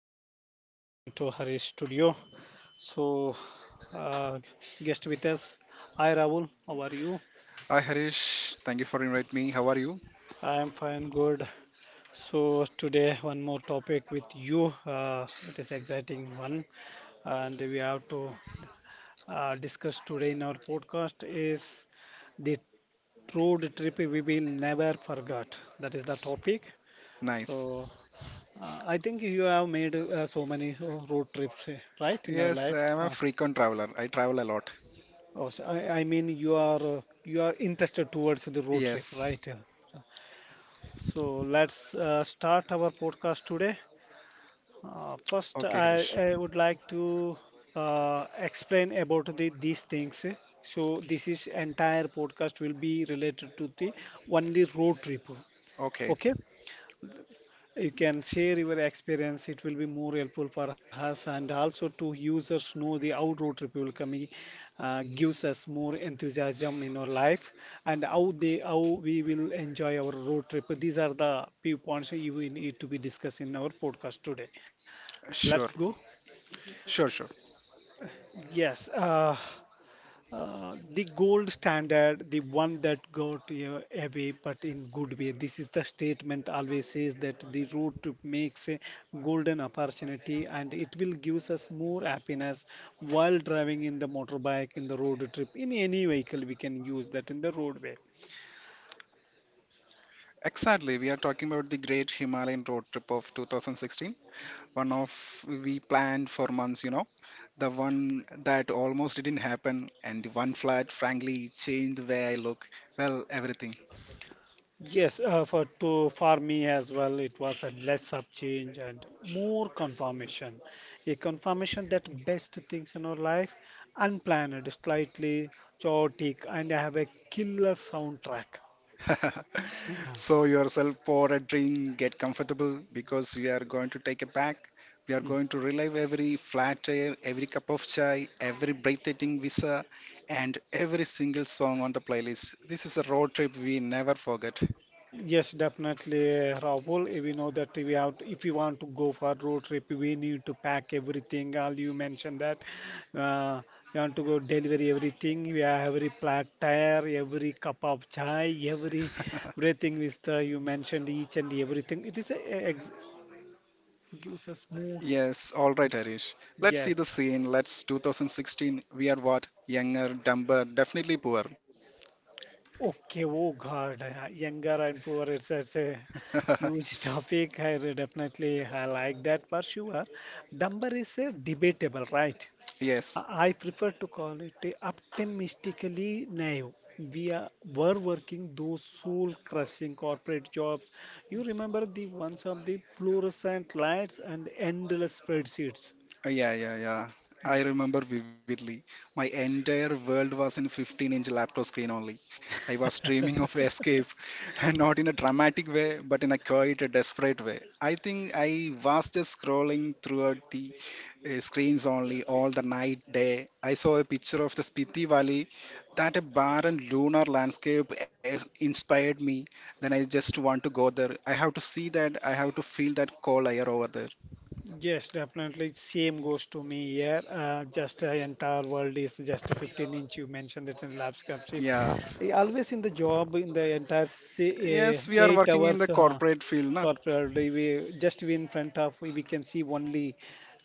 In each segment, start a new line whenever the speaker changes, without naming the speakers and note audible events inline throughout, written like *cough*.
everyone, welcome to Harish Studio. So, uh, guest with us, hi Rahul, how are you?
Hi Harish, thank you for inviting me. How are you?
I am fine, good. So today one more topic with you. It is exciting one, and we have to discuss today in our podcast is the road trip we will never forget. That is the
S-
topic.
Nice.
So, I think you have made so many road trips, right, in your
Yes,
life?
I am
Uh,
a frequent traveler. I travel a lot.
Oh, so I mean you are you are interested towards the road trip,
Yes.
right? So let's start our podcast today. Uh,
Okay,
first,
Harish.
I, I would like to explain about the these things. So this is entire podcast will be related to the only road trip.
Okay,
Okay, you can share your experience. It will be more helpful for us, and also to users know the outward ripple coming gives us more enthusiasm in our life, and how we will enjoy our road trip. These are the few points you will need to be discussed in our podcast today. Let's
sure.
go.
Sure, sure.
Yes, the gold standard, the one that got you away, but in good way. This is the statement always says that the road trip makes a golden opportunity and it will gives us more happiness while driving in the motorbike, in the road trip, in any vehicle we can use that in the roadway.
Exactly. We are talking about the Great Himalayan Road Trip of 2016. One of We planned for months. The one that almost didn't happen, and the one flight, frankly, changed the way I look. Well, everything.
Yes, for me as well, it was a less of change and more confirmation. A confirmation that best things in our life, unplanned, slightly chaotic, and I have a killer soundtrack.
*laughs*
Yeah.
So yourself pour a drink, get comfortable because we are going to take a pack. We are going to relive every flat air, every cup of chai, every breathtaking visa, and every single song on the playlist. This is a road trip we never forget.
Yes, definitely, Rahul. We know that we have, to, if we want to go for road trip, we need to pack everything. All you mentioned that uh, we want to go deliver everything. We have every platter, every cup of chai, every
*laughs*
everything with the you mentioned each and everything. It is gives us more.
Yes, all right, Harish. Let's see the
Yes.
scene. Let's 2016. We are what? Younger, dumber, definitely poor.
Okay, oh God, younger and poor, it's a
*laughs*
huge *laughs* topic. Definitely I like that for sure. Dumber is a debatable, right?
Yes.
I prefer to call it a optimistically naive. We were working those soul-crushing corporate jobs. You remember the ones of the fluorescent lights and endless spreadsheets.
Yeah, yeah, yeah. I remember vividly. My entire world was in 15-inch laptop screen only. I was dreaming of escape, *laughs* and not in a dramatic way, but in a quite a desperate way. I think I was just scrolling throughout the screens only all the night, day. I saw a picture of the Spiti Valley, that a barren lunar landscape inspired me. Then I just want to go there. I have to see that. I have to feel that cold air over there.
Yes, definitely. Same goes to me here. Just entire world is just 15 inch. You mentioned that in the lab ship.
Yeah.
Always in the job, in the entire
Yes, we are
eight
working in
hours
the corporate field, na?
corporate, day, we in front of we can see only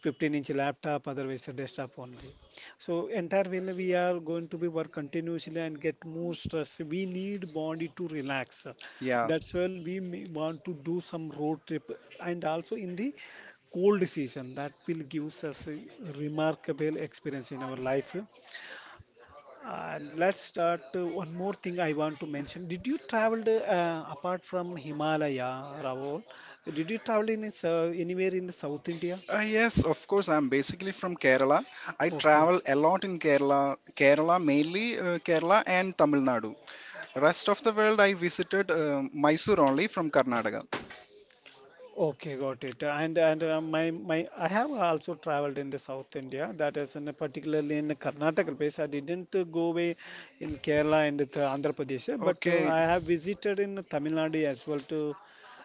15-inch laptop, otherwise a desktop only. So entire way we are going to be work continuously and get more stress. We need body to relax.
Yeah.
That's why we may want to do some road trip, and also in the cold season that will give us a remarkable experience in our life. And let's start, one more thing I want to mention. Did you travel apart from Himalaya, Ravol? Did you travel in anywhere in South India?
Yes, of course. I'm basically from Kerala. I
Okay.
travel a lot in Kerala, Kerala, mainly Kerala and Tamil Nadu. Rest of the world, I visited Mysore only from Karnataka.
Okay, got it. And my I have also traveled in the South India. That is in particularly in the Karnataka place. I didn't go away in Kerala and the Andhra Pradesh, but
Okay,
I have visited in Tamil Nadu as well. To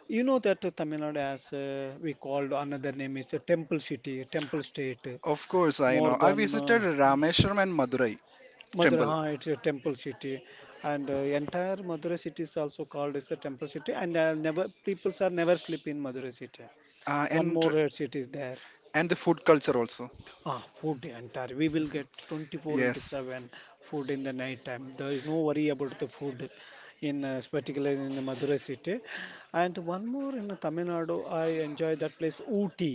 you know that Tamil Nadu as we called another name is a temple city, temple state,
of course, I
more
know. I
than
visited Rameshwaram and Madurai
Madurai.
temple,
It's a temple city, and entire Madurai city is also called as a temple city. And never peoples are never sleep in Madurai city.
uh,
One
and
more red seat is there.
and the food culture also.
Ah, food the entire we will get 24 into
Yes.
7 food in the night time. There is no worry about the food in particularly in the Madurai city. And one more in Tamil Nadu, I enjoy that place Ooty,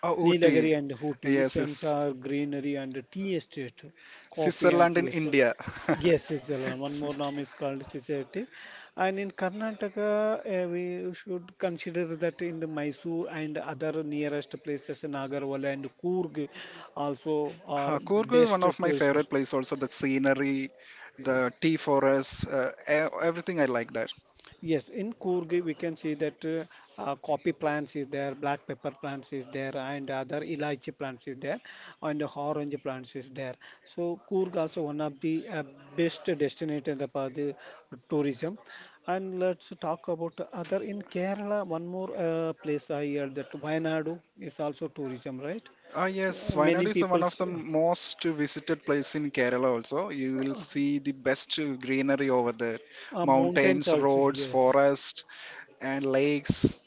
Oh, Ooty.
Nilagiri and Hooty.
Yes,
Its
yes.
entire greenery and tea estate, coffee and
Switzerland in
tea estate.
India.
Yes,
*laughs*
Sijalan. One more name is called Sijalti. And in Karnataka, we should consider that in the Mysore and other nearest places, Nagarwala and Coorg also are
Ha, Coorg is one
best
of my
tourist.
favorite place also the scenery, the tea forests, everything I like that.
Yes, in Coorg we can see that coffee plants is there, black pepper plants is there, and other elaichi plants is there, and orange plants is there. So Coorg also one of the best destination for the tourism. And let's talk about other in Kerala. One more place I heard that Wayanadu is also tourism, right?
Ah yes,
Uh,
Wayanad
Many
is one of
people's
the most visited place in Kerala also. You
uh,
will
uh,
see the best greenery over there.
mountains
Mountains,
also.
roads,
Yes.
forest and lakes.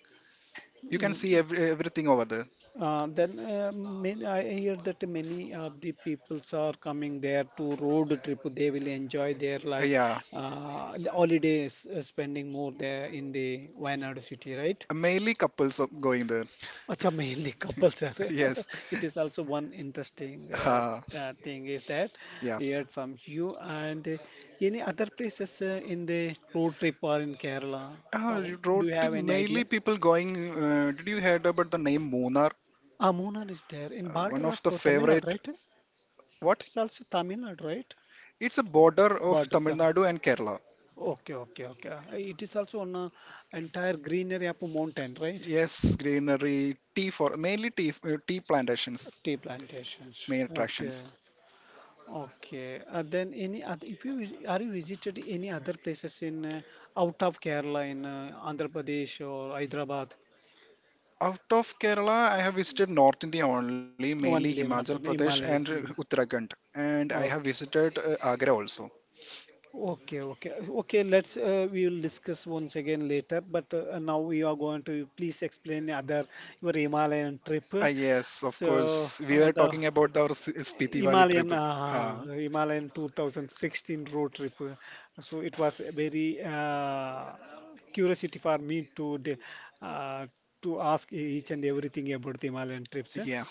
You can
Mm.
see everything over there.
Then I hear that many of the peoples are coming there to road trip. They will enjoy their life,
Yeah,
holidays, spending more there in the Wayanad city, right?
mainly couples of going there. *laughs*
Acha, mainly couples are.
Yes.
*laughs* It is also one interesting
Uh,
thing is that
yeah.
we heard from you and any other places in the road trip or in Kerala. How-
You
do
wrote
you have any
mainly
idea?
people going. Did you heard about the name Moonar?
Ah, Munnar is there in
One
border
of the
of Tamil Nadu,
favorite.
right?
What?
It's also Tamil Nadu, right?
It's a border of
Border.
Tamil
uh,
Nadu and Kerala.
Okay, okay, okay. It is also on entire greenery up a mountain, right?
Yes, greenery, tea for mainly tea, tea plantations,
Tea plantations.
main
Okay,
attractions.
okay. Then any other, if you are you visited any other places in out of Kerala in Andhra Pradesh or Hyderabad?
Out of Kerala, I have visited North India only, mainly
Only
Himachal
northern
Pradesh and
Himalayas. Mm.
Uttarakhand, and I have
Okay.
visited Agra also.
Okay, okay, okay. Let's we will discuss once again later. But now we are going to please explain other your Himalayan trip.
Ah, yes, of
So
course. We
uh,
were
the
talking about our Spiti Valley
Himalayan
trip.
uh,
Huh.
Himalayan 2016 road trip. So it was a very curiosity for me to uh, to ask each and everything about the Himalayan trips.
Yeah.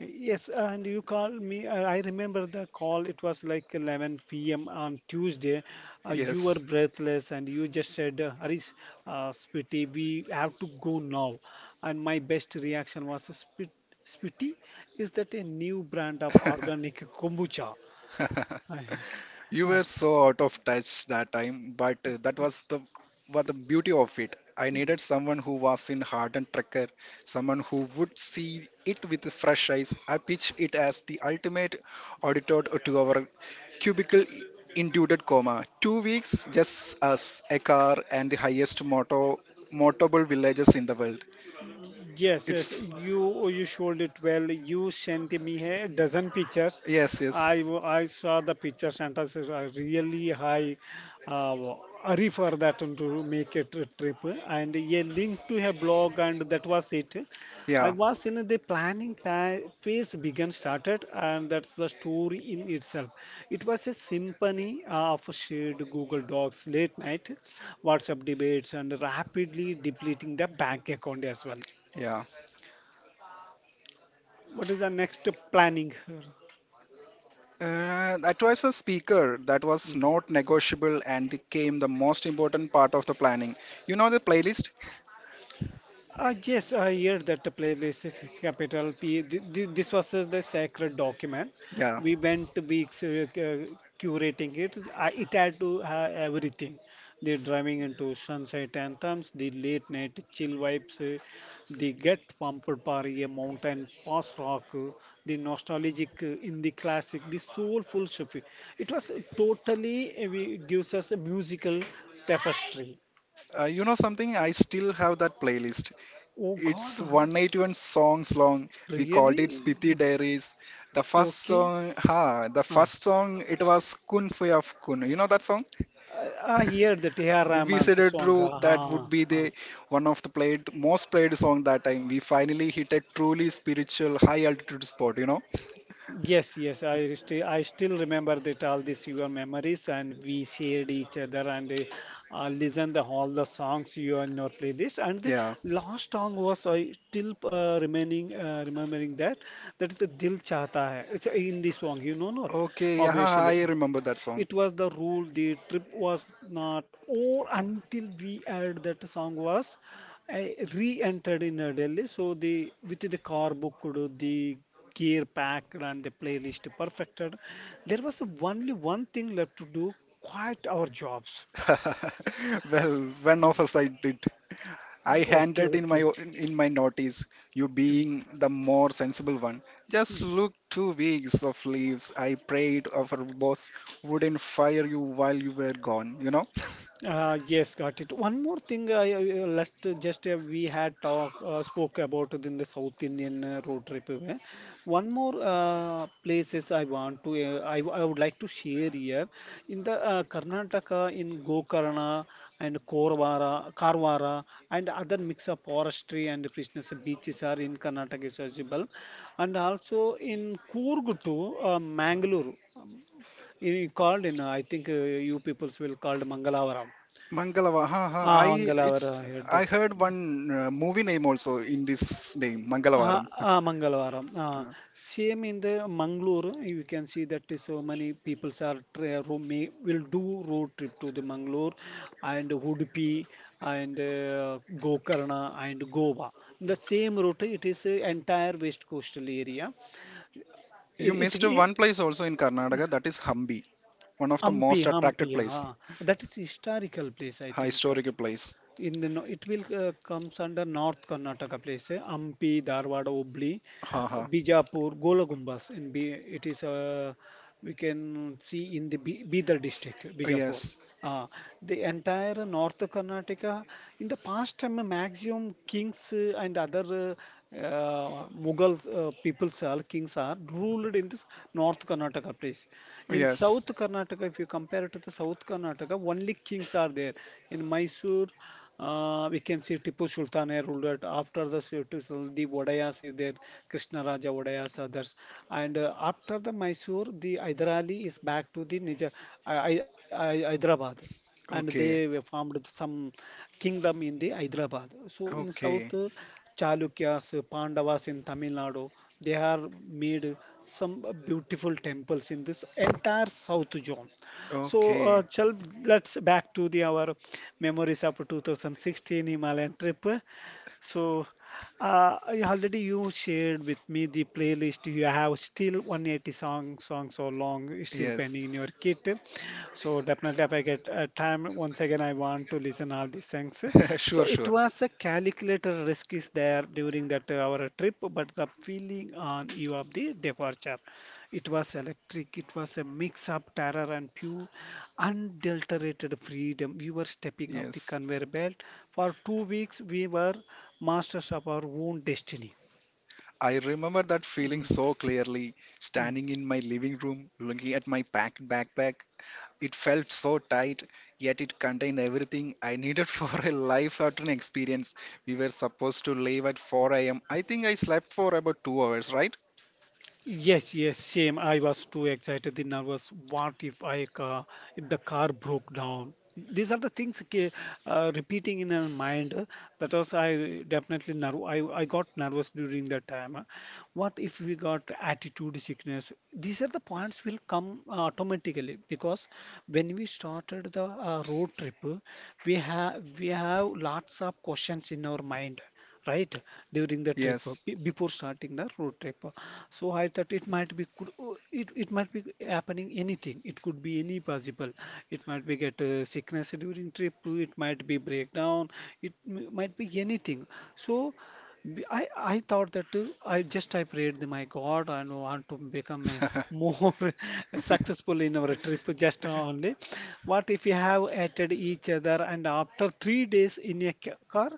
Yes, and you called me. I remember the call. It was like 11 p.m. on Tuesday. You were
Yes.
breathless and you just said, Harish, Spiti, we have to go now. And my best reaction was, Spiti, is that a new brand of organic kombucha?
*laughs*
*laughs*
You were so out of touch that time, but that was the beauty of it. I needed someone who was in hardened trekker, someone who would see it with fresh eyes. I pitched it as the ultimate auditor to our cubicle induced coma. 2 weeks, just us, a car, and the highest moto motable villages in the world.
Yes, yes,
It's
you showed it well. You sent me a dozen pictures.
yes, yes,
I saw the pictures and I said, "Really high uh, hurry for that and to make a trip and a link to a blog and that was it. I
yeah,
was in the planning phase began started and that's the story in itself. It was a symphony of shared Google Docs, late night WhatsApp debates and rapidly depleting the bank account as well.
yeah.
What is the next planning?
That was a speaker that was
Mm.
not negotiable and became the most important part of the planning. You know the playlist?
Yes, I hear that the playlist capital P. This was the sacred document.
Yeah.
We went to be curating it. It had to have everything. The driving into sunset anthems, the late night chill vibes, the get pumped party, a mountain post rock, the nostalgic in the classic, the soulful Shafi. It was totally gives us a musical tapestry.
You know something? I still have that playlist.
Oh God,
It's 181 songs long. We called it
really?
Spiti Diaries. The
You
first
Okay.
song, ha, the
Ah,
first song it was Kun Fui of Kun. You know that song?
I, I hear the T.R.
The We said
Rahman's
sided
song.
group that would
Ah,
be
ah.
the one of the played most played song that time. We finally hit a truly spiritual high altitude spot. You know?
Yes, yes. I still remember that all these your memories and we shared each other and listen the all the songs you are in your playlist. And the
Yeah.
last song was I still remaining remembering that that is the Dil Chahta Hai. It's in this song, no?
Okay, yeah,
Obviously.
I remember that song.
It was the rule. The trip was not over until we heard that song was uh, re-entered in Delhi. So the with the car booked, the gear packed, and the playlist perfected, there was only one thing left to do: quit our jobs.
*laughs* Well, when of us I did. I
Okay,
handed in
okay.
my notice, you
Mm,
being the more sensible one. Just
mm.
look 2 weeks of leaves. I prayed our boss wouldn't fire you while you were gone. You know,
Yes, got it. One more thing, I- last just we had talk spoke about it in the South Indian road trip. One more places I want to I would like to share here in the Karnataka in Gokarna and Korvara, Karwara and other mix of forestry and business beaches are in Karnataka is visible, and also in Coorg to Mangalore, called in I think you peoples will called Mangalavaram.
Mangalava. Ha ha.
ಆ
It's
ಮಂಗಳವಾರ
I
ಹೇಳಿದಟ್.
heard one movie name also in this name,
Uh,
Mangalavaram.
Ah, Mangalwaram. Ah,
*laughs*
same in the Mangalore, you can see that is so many peoples are will do road trip to the Mangalore and Udupi and Gokarna and Goa. The same route, it is entire west coastal area.
You
It, it,
missed one
it
place also in Karnataka, that is Hampi, one of the
Hampi,
most attracted
Hampi,
place,
uh, that is historical place, I think.
historical place.
In the, no- it will comes under North Karnataka place, Hampi, Dharwada, Hubli.
Haha.
Bijapur, Gola Gumbas, and it is we can see in the Bidar district,
Oh,
Bijapur.
yes.
Uh, the entire North Karnataka, in the past time, maximum kings and other Mughal peoples are kings are ruled in this North Karnataka place.
Oh,
In South
yes.
Karnataka, if you compare it to the South Karnataka, only kings are there in Mysore. We can see Tipu Sultan here ruled it. After the Tipu Sultan, the Vodayas is there, Krishna Raja Vodayas, others. And after the Mysore, the Hyderali is back to the Nija, Hyderabad. And they
Okay.
were formed some kingdom in the Hyderabad. So in South,
Okay.
Chalukyas, Pandavas in Tamil Nadu, they are made some beautiful temples in this entire South zone. So,
Okay.
uh, chal, let's back to the our memories of 2016 Himalayan trip. So, I already you shared with me the playlist. You have still 180 songs or long is still
Yes.
pending in your kit. So definitely, if I get time, once again, I want to listen all these things.
*laughs*
So
Sure,
it
sure.
was a calculated risk is there during that at our trip, but the feeling on you of the departure. It was electric, it was a mix of terror and pure, unadulterated freedom. We were stepping up the
Yes.
conveyor belt. For 2 weeks, we were masters of our own destiny.
I remember that feeling so clearly,
Mhm.
standing in my living room, looking at my packed backpack. It felt so tight, yet it contained everything I needed *laughs* for a life-altering experience. We were supposed to leave at 4 a.m. I think I slept for about 2 hours, right?
Yes, yes, same. I was too excited and nervous. What if I ca If the car broke down? These are the things repeating in our mind. That was I definitely nerve. I got nervous during that time. What if we got attitude sickness? These are the points will come automatically because when we started the road trip, we have lots of questions in our mind, right, during the trip
Yes.
before starting the road trip. So I thought it might be could it might be happening anything. It could be any possible. It might be get sickness during trip. It might be breakdown. It might be anything. So I thought that I prayed that my God I want to become a
*laughs*
more *laughs* successful in our trip just only. What if we have added each other and after 3 days in a car.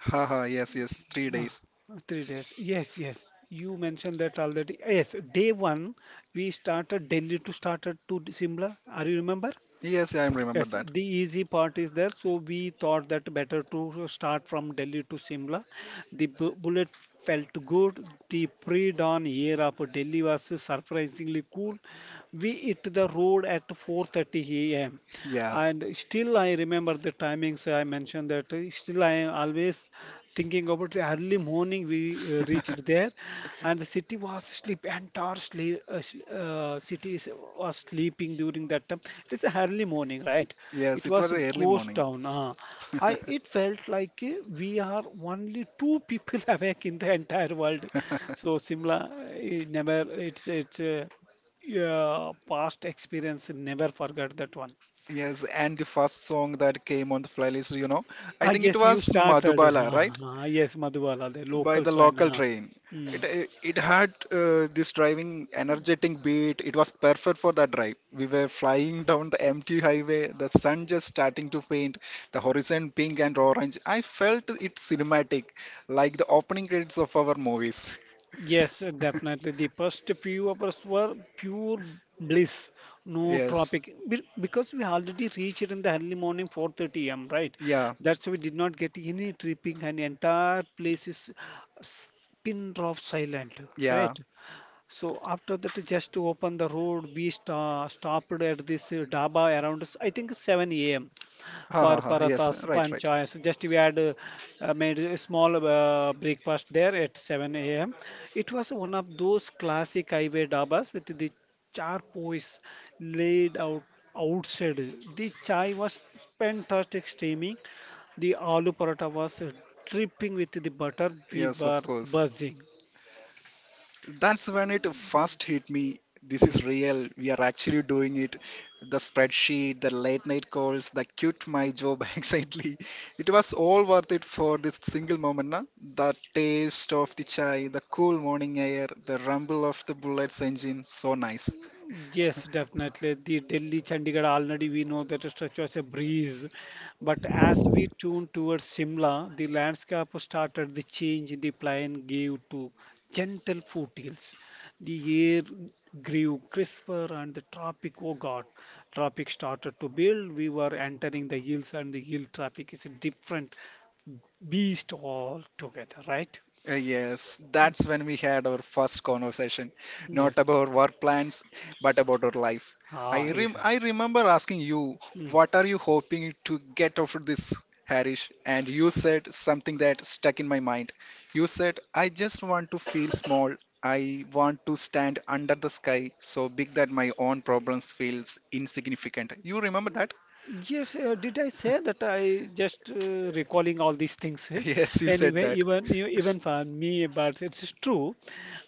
Haha, yes, yes, three
Uh,
days.
3 days. Yes, yes. You mentioned that already. Yes, day one, we started Delhi to Simla. Are you remember?
Yes, I remember
Yes,
that.
the easy part is there. So we thought that better to start from Delhi to Simla. The bullet felt good. The pre-dawn air of Delhi was surprisingly cool. We hit the road at 4:30 a.m.
*laughs* Yeah.
And still I remember the timings I mentioned that still I am always thinking about the early morning we reached there. And the city was sleep entire was sleeping during that time. It is a early morning, right?
Yes,
It
it
was
was
a
early
ghost
morning.
town. I it felt like we are only two people *laughs* awake in the entire world. So Simla, it's yeah, past experience, never forget that one.
Yes, and the first song that came on the playlist,
Ah,
I think it
yes, you
was
started.
Madhubala,
Ah,
right?
ah, yes, Madhubala, the
By
local
the
train.
local
Ah.
train.
Hmm.
It had this driving, energetic beat. It was perfect for that drive. We were flying down the empty highway, the sun just starting to paint the horizon pink and orange. I felt it cinematic, like the opening credits of our movies.
Yes,
*laughs*
definitely. The first few hours were pure bliss, no
Yes,
traffic. Because we already reached in the early morning 4:30 a.m., right?
yeah,
That's why we did not get any tripping and entire place is s- pin drop silent,
yeah.
right? So after that, just to open the road, we sta stopped at this dhaba around I think 7 a.m.
Ha
for
ha ha. Yes,
parathas
right,
and
right.
chai. So just we had made a small breakfast there at 7 a.m. It was one of those classic highway dhabas with the charpoys laid out outside. The chai was fantastic steaming. The aloo paratha was dripping with the butter. We
Yes, of
were
course.
buzzing.
That's when it first hit me. This
Hmm.
is real. We are actually doing it. The spreadsheet, the late night calls, the quit my job *laughs* anxiety. It was all worth it for this single moment. Na? The taste of the chai, the cool morning air, the rumble of the bullet's engine. So nice.
Yes, definitely. The Delhi Chandigarh already we know that the structure is a breeze. But as we tune towards Simla, the landscape started the change the plain gave to gentle foothills. The air grew crisper and the traffic, oh God, traffic started to build. We were entering the hills and the hill traffic is a different beast altogether, right?
Yes,
Mm,
that's when we had our first conversation, not
yes.
about work plans, but about our life.
Ah,
I remember asking you,
yeah.
what are you hoping to get out of this, Harish? And you said something that stuck in my mind. You said, I just want to feel small. I want to stand under the sky so big that my own problems feels insignificant. You remember that?
Yes, did I say that? I just recalling all these things. *laughs*
*laughs*
Eh?
Yes, you said
Anyway,
that.
even for me, but it's true.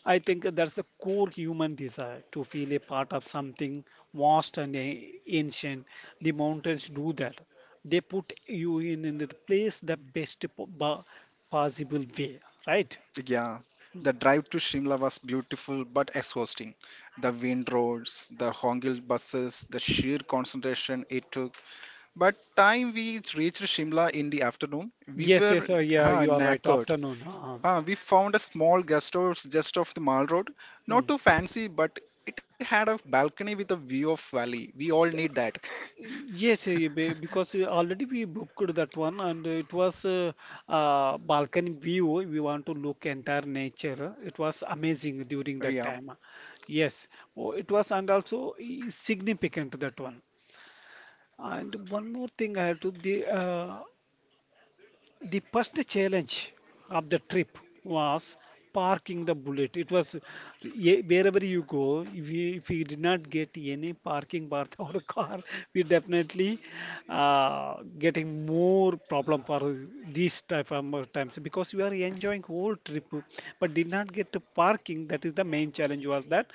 I think that's the core human desire to feel a part of something vast and ancient. The mountains do that. They put you in, the place the possible way, right?
Yeah, the drive to Shimla was beautiful but exhausting. The wind roads, the hongled buses, the sheer concentration it took. But time we reached Shimla in the afternoon, we
Yes,
were
yes, yeah, you are right.
knackered.
Afternoon. Uh-huh.
We found a small guest house just off the Mall Road. Not
Mm.
too fancy, but it had a balcony with a view of valley. We all need that.
Yes, eh, because already we booked that one and it was balcony view. We want to look entire nature. It was amazing during that
*laughs* Yeah.
time. Yes, oh, it was and also significant that one. And one more thing I had to the first challenge of the trip was parking the bullet. It was wherever you go, if we did not get any parking path *laughs* or a car, we definitely getting more problem for these type of times because we are enjoying whole trip but did not get to parking. That is the main challenge was that.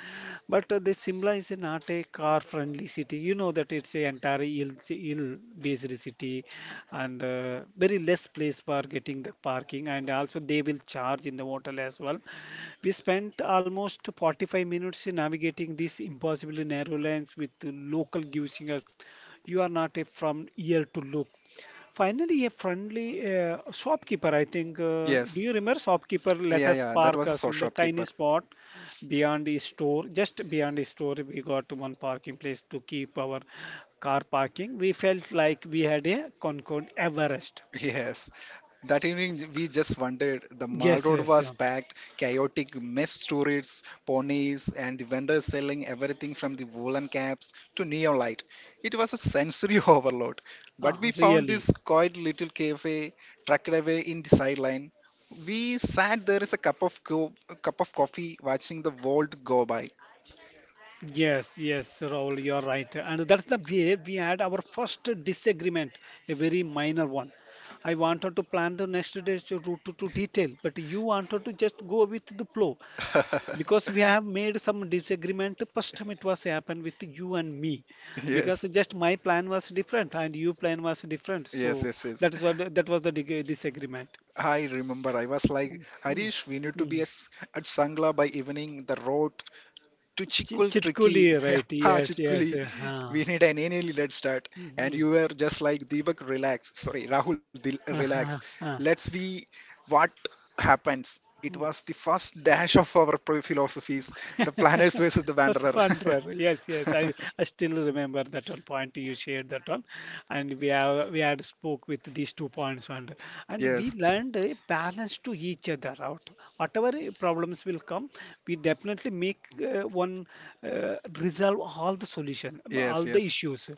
But the Simla is not a car friendly city, you know that. It's a entire hill based city, and very less place for getting the parking, and also they will charge in the hotel as well. We spent almost 45 minutes in navigating these impossibly narrow lanes with the local giving us. You are not a from ear to loop. Finally, a friendly shopkeeper, I think. Do
Yes.
you remember shopkeeper let
Yeah,
us
yeah. That
park
was a
us in the tiny
shopkeeper.
spot beyond the store? Just beyond the store, we got one parking place to keep our car parking. We felt like we had a Concord Everest.
*laughs* Yes. That evening, we just wondered. The Mall
Yes,
Road
yes,
was
yeah.
packed, chaotic, mess tourists, ponies, and the vendors selling everything from the woolen caps to neon light. It was a sensory *laughs* overload. But we found
Really.
this quiet little cafe tucked away in the sideline. We sat there as a cup of coffee, watching the world go by.
Yes, yes, Rahul, you're right. And that's the way we had our first disagreement, a very minor one. I wanted to plan the next day's route to detail, but you wanted to just go with the flow
*laughs*
because we have made some disagreement. First time it was happened with you and me because
Yes,
just my plan was different and your plan was different.
yes,
So
yes,
that is
yes.
what that was the disagreement.
I remember. I was like,
Mhm.
Harish, we need to be
Mm.
at Sangla by evening. The road to Chikul
Chitkuli,
Tricky, *laughs*
right?
ha
Yes,
Chikuli,
yes.
we need an early red start. *laughs* And
Huh.
you were just like Deepak, relax. Sorry, Rahul, relax.
Uh-huh.
Let's see what happens. It was the first dash of our philosophies, the planners
*laughs*
versus the
That's
wanderer.
Wanderer. Yes, yes. I,
*laughs*
I still remember that one point you shared that one, and we had spoke with these two points, and we
Yes,
learned a balance to each other out. Whatever problems will come, we definitely make one resolve all the solution,
yes,
all the
yes,
issues.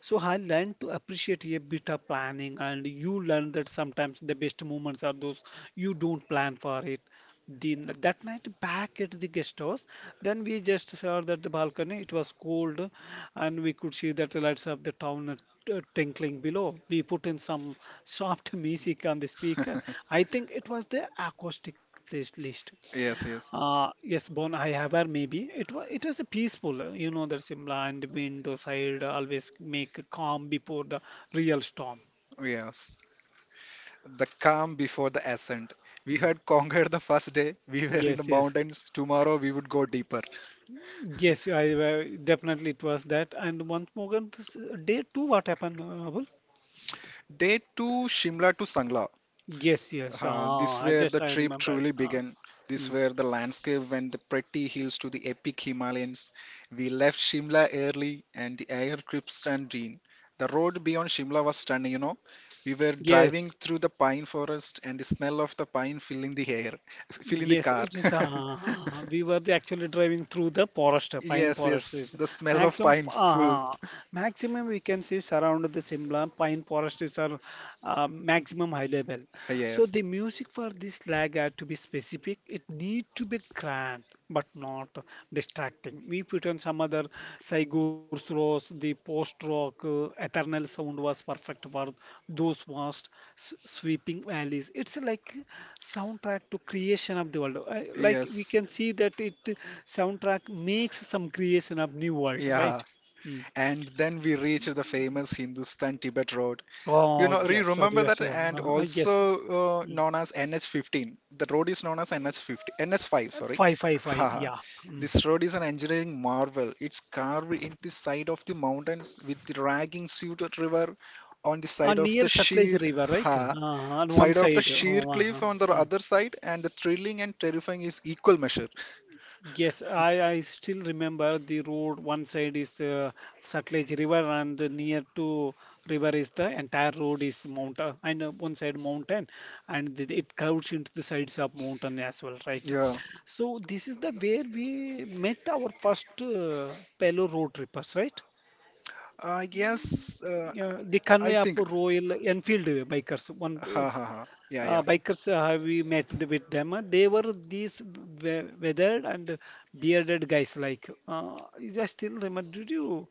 So I learned to appreciate a bit of planning, and you learn that sometimes the best moments are those you don't plan for it. The That night back at the guest house, then we just saw that the balcony, it was cold, and we could see that the lights of the town twinkling below. We put in some soft *laughs* music on the speaker. I think it was the acoustic playlist.
yes, yes,
Yes, Bon, I have her maybe. It was a peaceful, that Simla and wind side always make calm before the real storm.
yes. The calm before the ascent. We
Mm.
had conquered the first day. We were in the
Yes, yes.
mountains. Tomorrow we would go deeper.
Yes, I definitely it was that. And once more, on day two, what happened, Abul?
Day 2, Shimla to Sangla.
Yes, yes. Ah,
This
I
where the
just I
trip
remembered.
truly
Ah,
began. This
mm.
where the landscape went the pretty hills to the epic Himalayas. We left Shimla early and the air crisp and green. The road beyond Shimla was stunning. We were driving
Yes,
through the pine forest and the smell of the pine filling the air, *laughs* filling the
yes.
car.
It is. Ah,
*laughs*
we were actually driving through the forest, pine
Yes,
forest.
yes, the smell of
Maximum,
pines full.
ah, maximum, we can see surround the Simla pine forest is our maximum high level. So
Yes,
the music for this lag had to be specific. It need to be grand, but not distracting. We put on some other Saigur's Rose, the post-rock eternal sound was perfect for those vast sweeping valleys. It's like soundtrack to creation of the world. Like we
yes,
can see that it soundtrack makes some creation of new world, right?
yeah.
Mm.
And then we reached the famous Hindustan-Tibet Road. You
Oh
know, re
yes,
remember
sorry,
that, and
I guess.
also
Mm.
known as NH15. The road is known as nh 15, NH5, sorry.
Five, five, five.
Haha.
Yeah. Mm.
This road is an engineering marvel. It's carved in the side of the mountains with the ragging suited river on the side of
Near
the sheer
Sutlej River, right?
ha
On one
side of the
side.
sheer
Uh,
cliff
uh,
on the
mm.
other side, and the thrilling and terrifying is equal measure.
Yes, I still remember the road. One side is Sutlej River, and near to river is the entire road is mountain, and one side mountain, and it curves into the sides of mountain as well, right?
Yeah.
So this is the where we met our first Palo road trippers, right?
Yes,
Yeah, the
I
convoy of
think.
Royal Enfield bikers, one
Ha ha ha. Yeah, yeah.
bikers have we met with them, they were these weathered and bearded guys like is I still remember, did you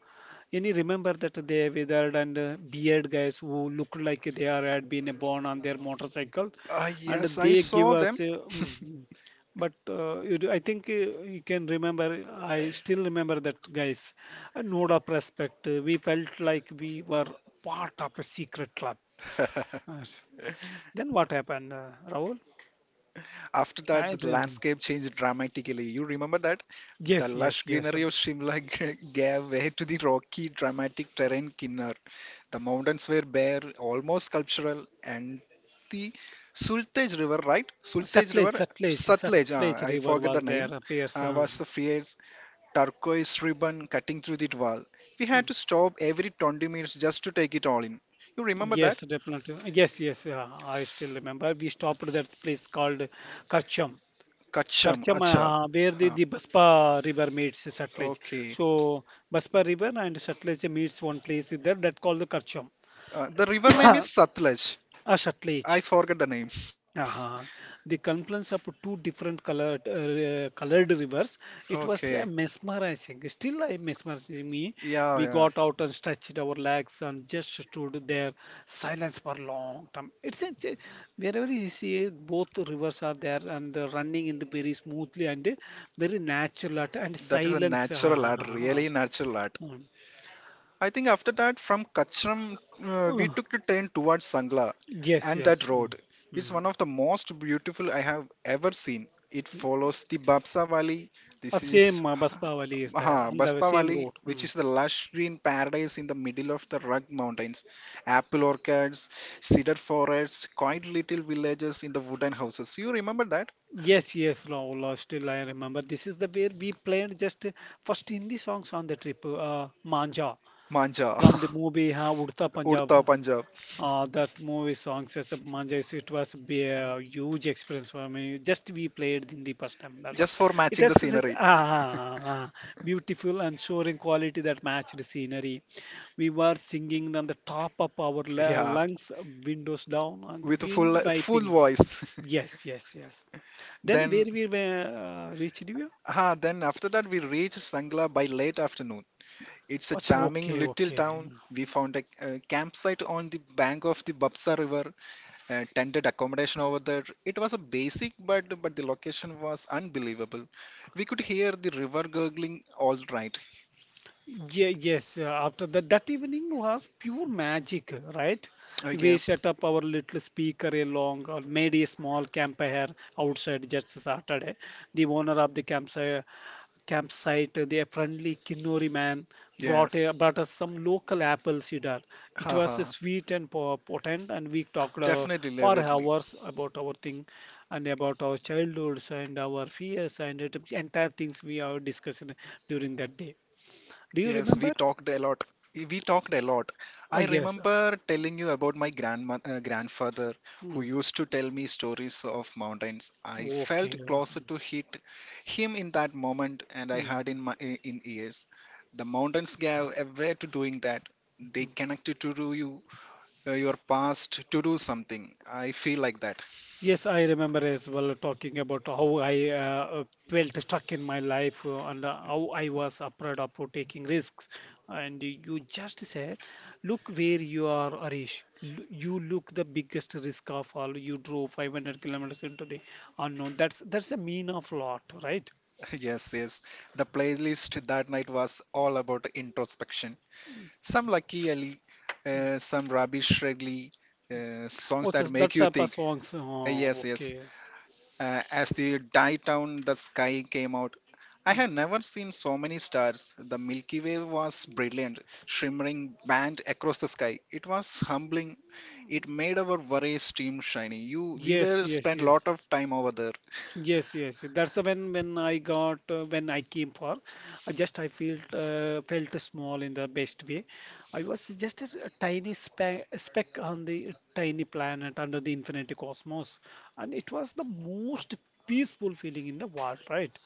any remember that they weathered and beard guys who looked like they are had been born on their motorcycle, and
Yes, I
they give
saw them.
us mm, mm. But you do, I think, you can remember. I still remember that guys a note of respect. We felt like we were part of a secret club.
*laughs*
Yes. Then what happened, Rahul?
After that the
I
landscape changed dramatically. You remember that? The
Yes,
lush
yes, yes.
greenery of Shimla *laughs* gave way to the rocky dramatic terrain Kinnar. The mountains were bare, almost sculptural, and the Sultaj River, right, Sultaj
Sutlej,
River,
Sutlej,
Sutlej,
Sutlej
I
River
forget
was
the name,
there. Appears.
was the fierce turquoise ribbon cutting through the wall. We had to stop every 20 minutes just to take it all in. You remember
Yes,
that?
definitely. Yes, yes. I still remember. We stopped at that place called Karcham.
Kacham.
Karcham,
Acha.
where the,
Huh.
the Baspa River meets Sutlej.
Okay.
So Baspa River and Sutlej meets one place is there that called the Karcham.
The river
*coughs*
name
uh,
is Satluj.
Sutlej.
I forget the name.
Uh-huh. The confluence of two different colored colored rivers. It was
Okay.
mesmerizing. Still, I mesmerizing me.
Yeah,
We
yeah.
got out and stretched our legs and just stood there, silence for long time. Wherever you see both rivers are there and running in the very smoothly and very and
That is a
silence.
natural art, really natural art.
Mm.
I think after that, from Kachram,
Uh,
we took the train towards Sangla,
yes,
and that
yes. Mm.
road is
Mm.
one of the most beautiful I have ever seen. It follows the Bapsa Valley. This is
Same Baspa valley
*sighs*
is there on the
Baspa
same
Valley,
road.
which
Mm.
is the lush green paradise in the middle of the rugged mountains. Apple orchards, cedar forests, quaint little villages in the wooden houses. You remember that?
Yes, yes, Rahul, still I remember. This is the where we played just first Hindi songs on the trip, Manja,
Manja,
from the movie Udta
*laughs*
Punjab.
Urta, Punjab,
That movie songs as a Manja, it was be a huge experience for me. Just we played Hindi first time.
just for
It
matching the
has this
scenery.
beautiful and soaring quality that matched the scenery. We were singing on the top of our
Yeah,
lungs, windows down, and the
with
wind
full full
wiping.
voice. *laughs*
Yes, yes, yes. Then where
Then,
we were reached? Divya?
then, after that, we reached Sangla by late afternoon. It's a
Ach,
charming
okay,
little
okay.
town. We found a campsite on the bank of the Bapsa River, tented accommodation over there. It was a basic, but the location was unbelievable. We could hear the river gurgling all right.
Yeah, yes, after that, that evening was pure magic, right?
Oh,
We
yes,
set up our little speaker along or made a small campfire outside just Saturday. The owner of the campsite, campsite, the friendly Kinori man,
yes.
brought us some local apple cider. It was
Haha,
sweet and potent, and we talked
definitely love
for
it.
hours about our thing and about our childhoods and our fears and the entire things we are discussing during that day. Do you
Yes, we
remember?
talked a lot. We talked a lot. I
Oh, yes.
remember telling you about my grandfather who
Hmm.
used to tell me stories of mountains. I
Okay.
felt closer to hit him in that moment, and I had
Hmm.
in my in ears. The mountains gave a way to doing that. They
Hmm.
connected to do you, your past to do something. I feel like that.
Yes, I remember as well talking about how I felt stuck in my life and how I was afraid of taking risks. And you just said, look where you are, Arish. You look the biggest risk of all. You drove 500 kilometers into the unknown. That's a mean of lot, right?
*laughs* Yes, yes. The playlist that night was all about introspection. Some Lucky Ali, some Rabi Shredly, songs
Also,
that make
that's
you
a
think.
songs. Oh,
Yes, yes.
okay.
As the Die Down the Sky came out, I
Mm.
had never seen so many stars. The Milky Way was brilliant, shimmering band across the sky. It was humbling. It made our worries stream shiny. We
Yes,
were
yes,
spent
yes.
lot of time over there.
Yes, yes. That's the when I got when I came for, I felt felt small in the best way. I was just a tiny speck on the tiny planet under the infinite cosmos, and it was the most peaceful feeling in the world, right?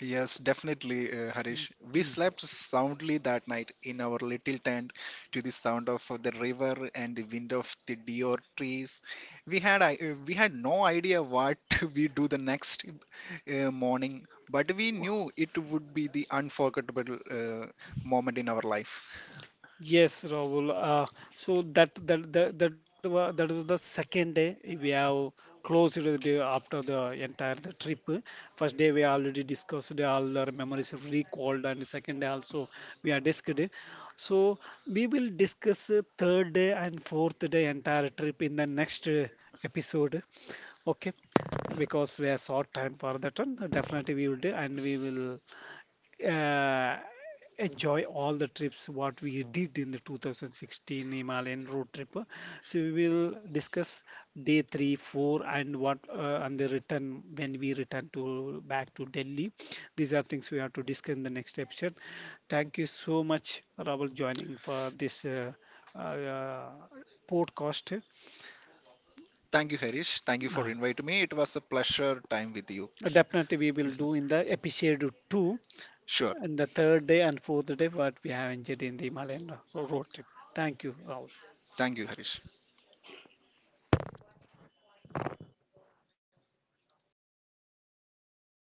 Yes, definitely, Harish. We
Hmm.
slept soundly that night in our little tent to the sound of the river and the wind of the deer trees. We had no idea what *laughs* we do the next morning, but we knew it would be the unforgettable moment in our life.
Yes, Rahul. So that was the second day we have closed the day after the entire the trip. First day we already discussed all our memories of recalled, and second day also we are discussed. So we will discuss third day and fourth day entire trip in the next episode. Okay, because we have short time for that one. Definitely we will do, and we will uh, enjoy all the trips what we did in the 2016 Himalayan road trip. So we will discuss day three, four, and what and the return when we return to back to Delhi. These are things we have to discuss in the next episode. Thank you so much, Rahul, joining for this uh, uh, podcast.
Thank you, Harish. Thank you for
Uh,
inviting me. It was a pleasure time with you.
Definitely, we will do in the episode two.
Sure.
And the third day and fourth day, what we have enjoyed in the Himalayan road trip. Thank you, Rahul.
Thank you, Harish.